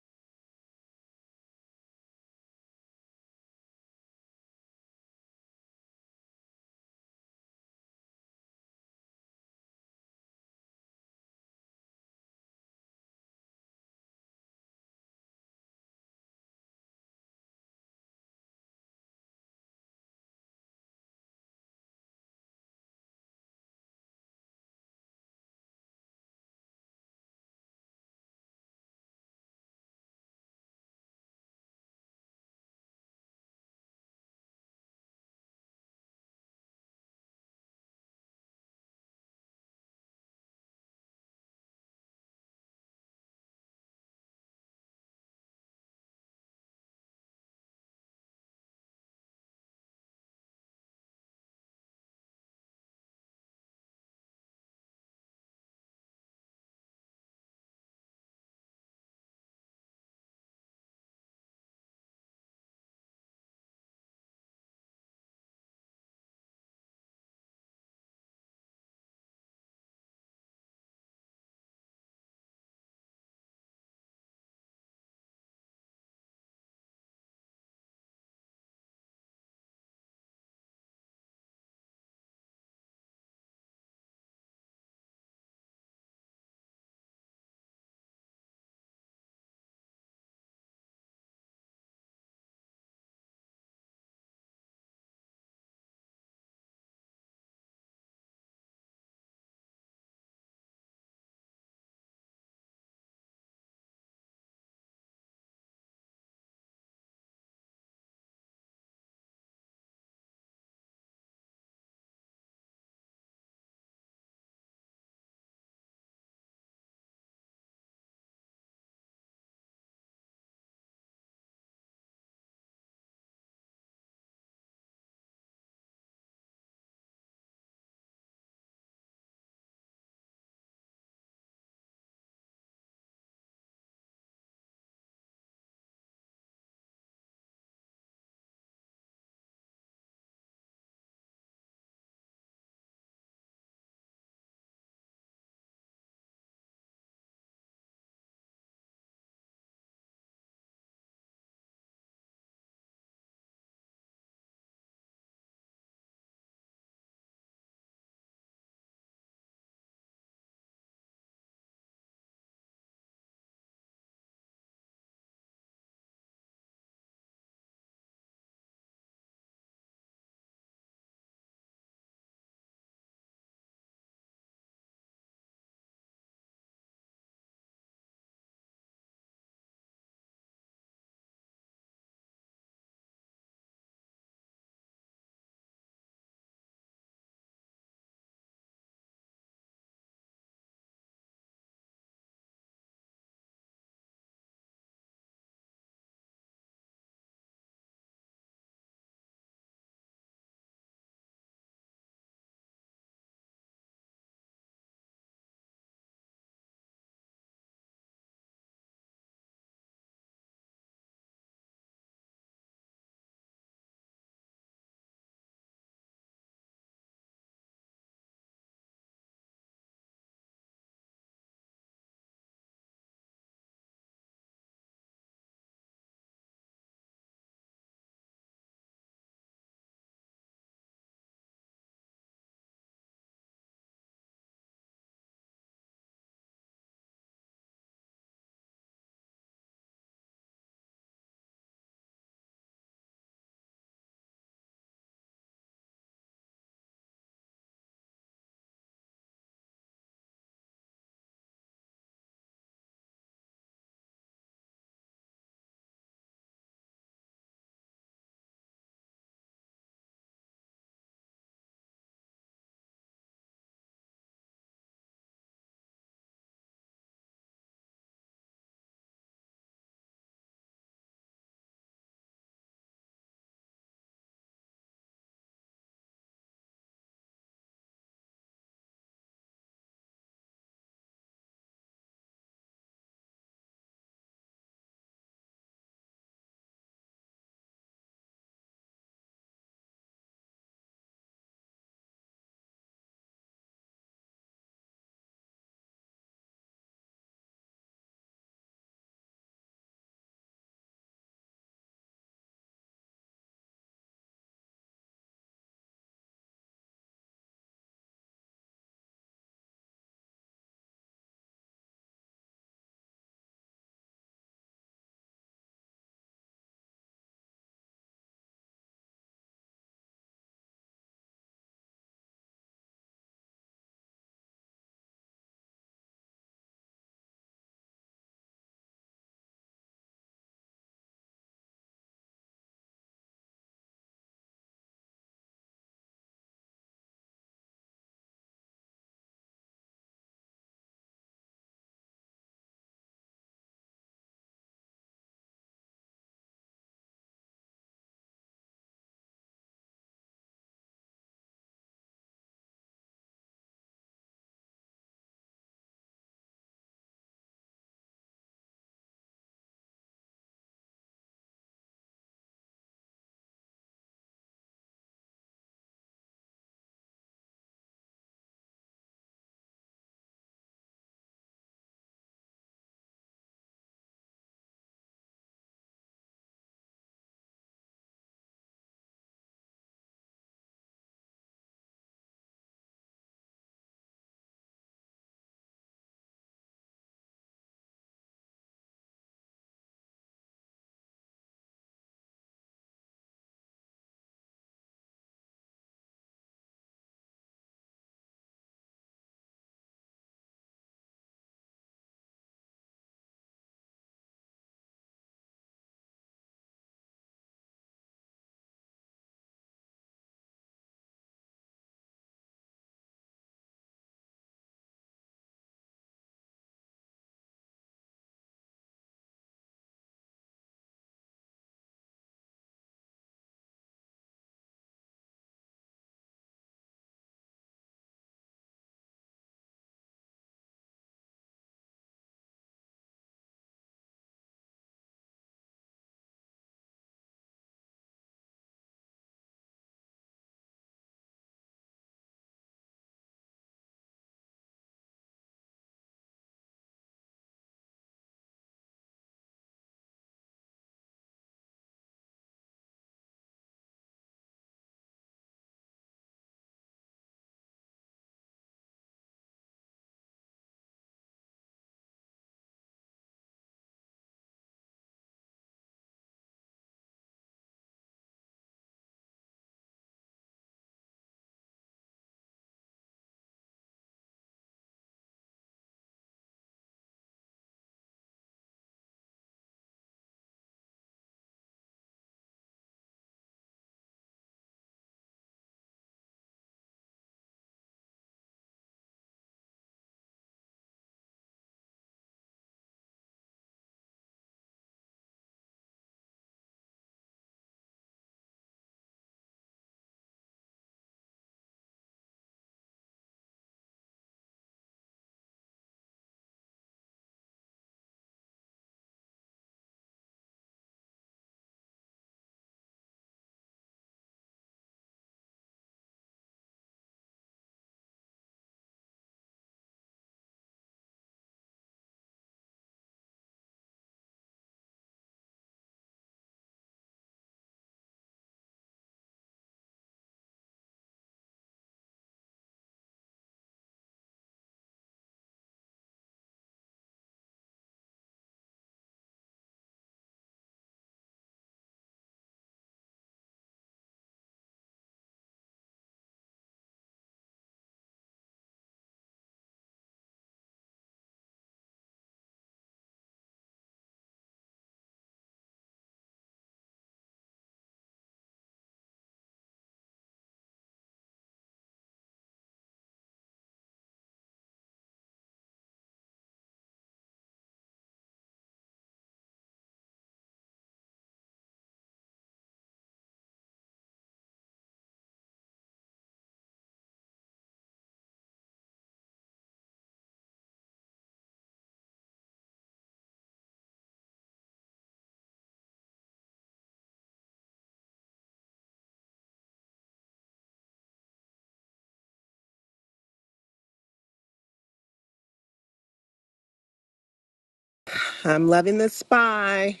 E: I'm loving the spy.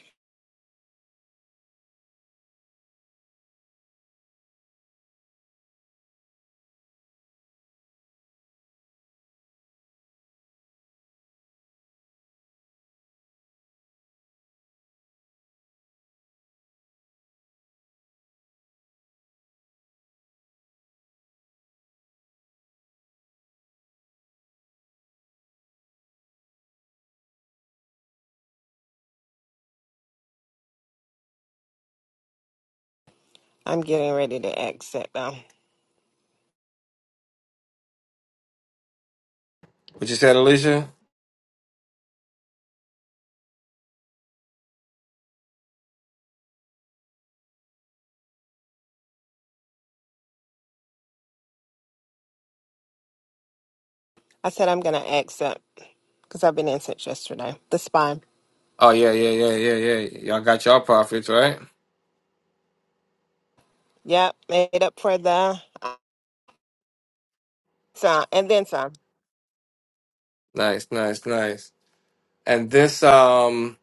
E: I'm getting ready to exit though.
D: What you said, Alicia?
E: I said I'm gonna exit because I've been in since yesterday. The spy.
D: Oh yeah, yeah, yeah, yeah, yeah. Y'all got y'all profits right.
E: Yep, made up for the uh, so and then some.
D: Nice, nice, nice. And this um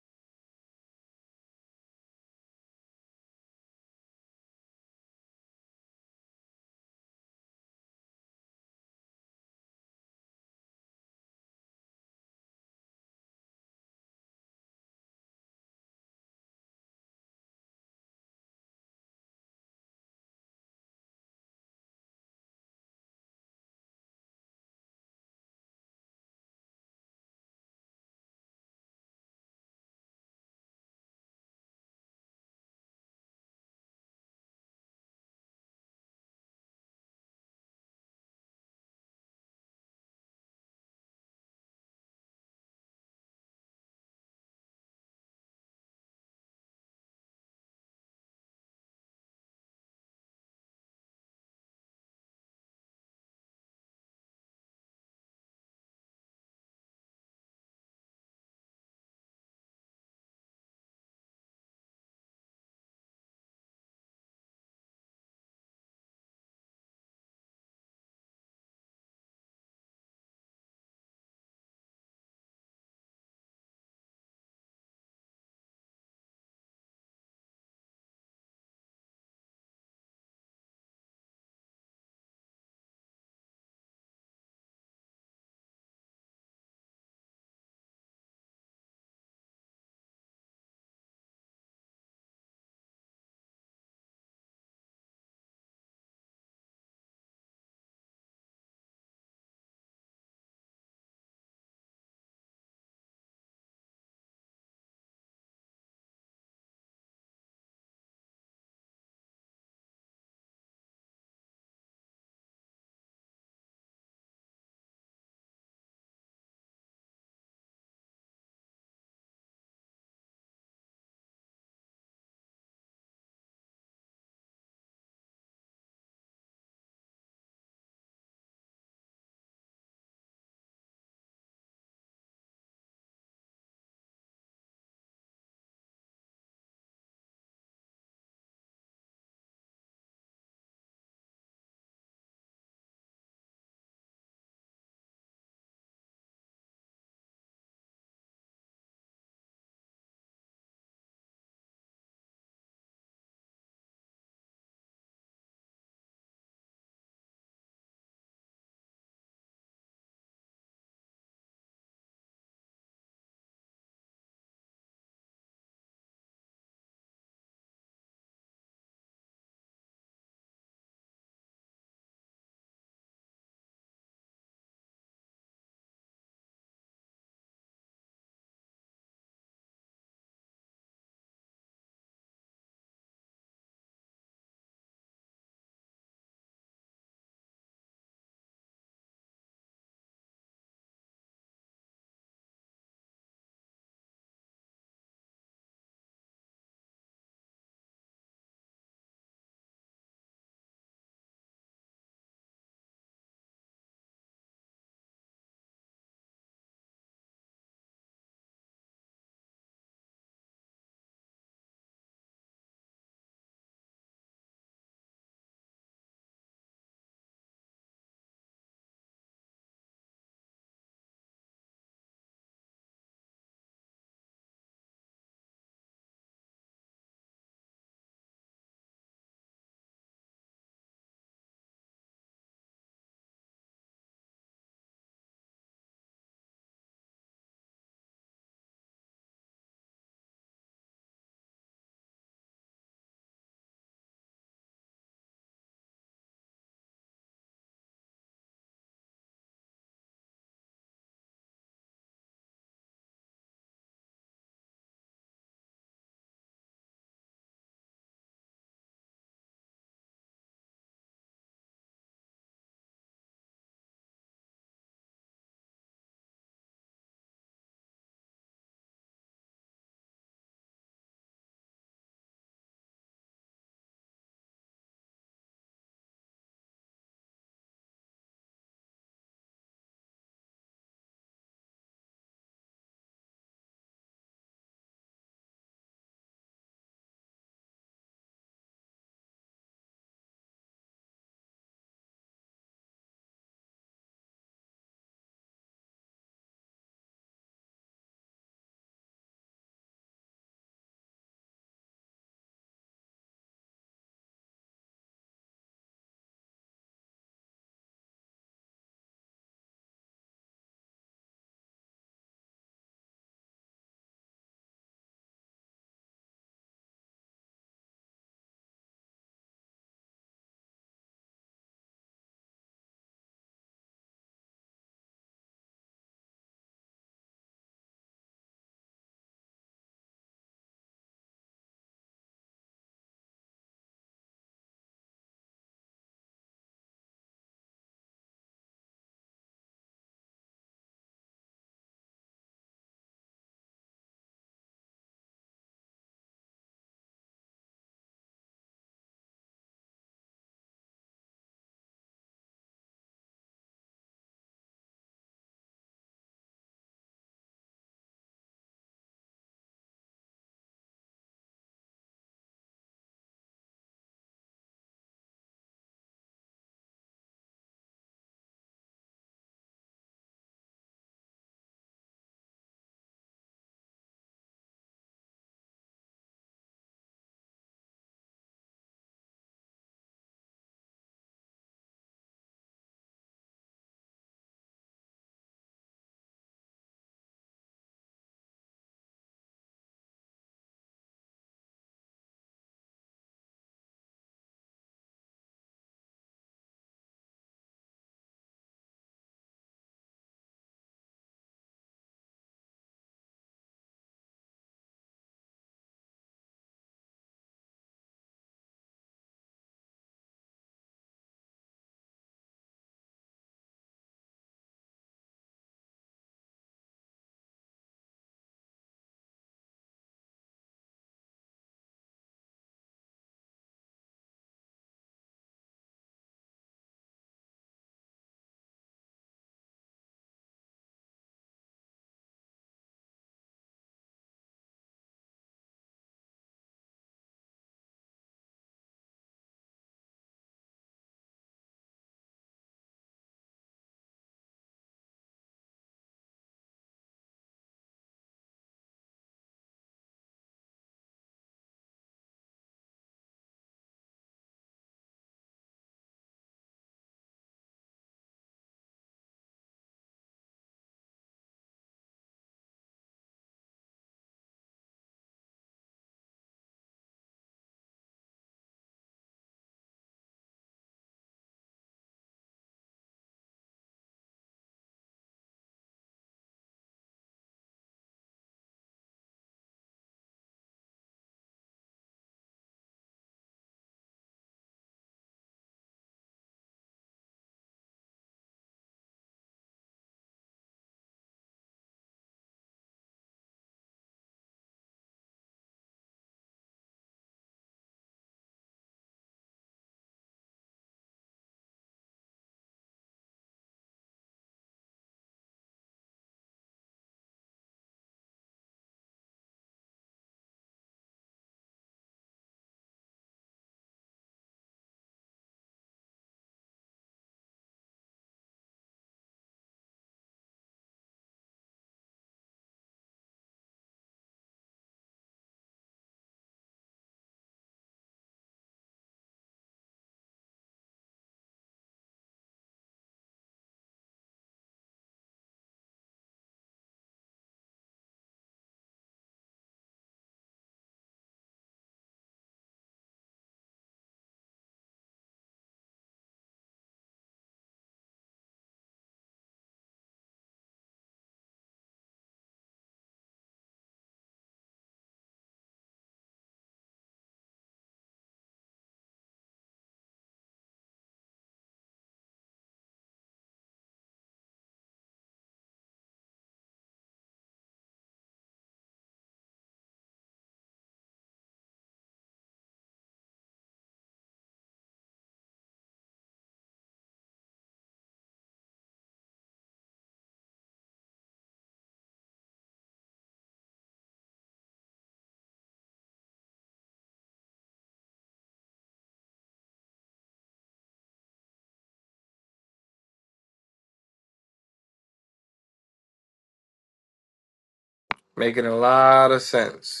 D: making a lot of sense.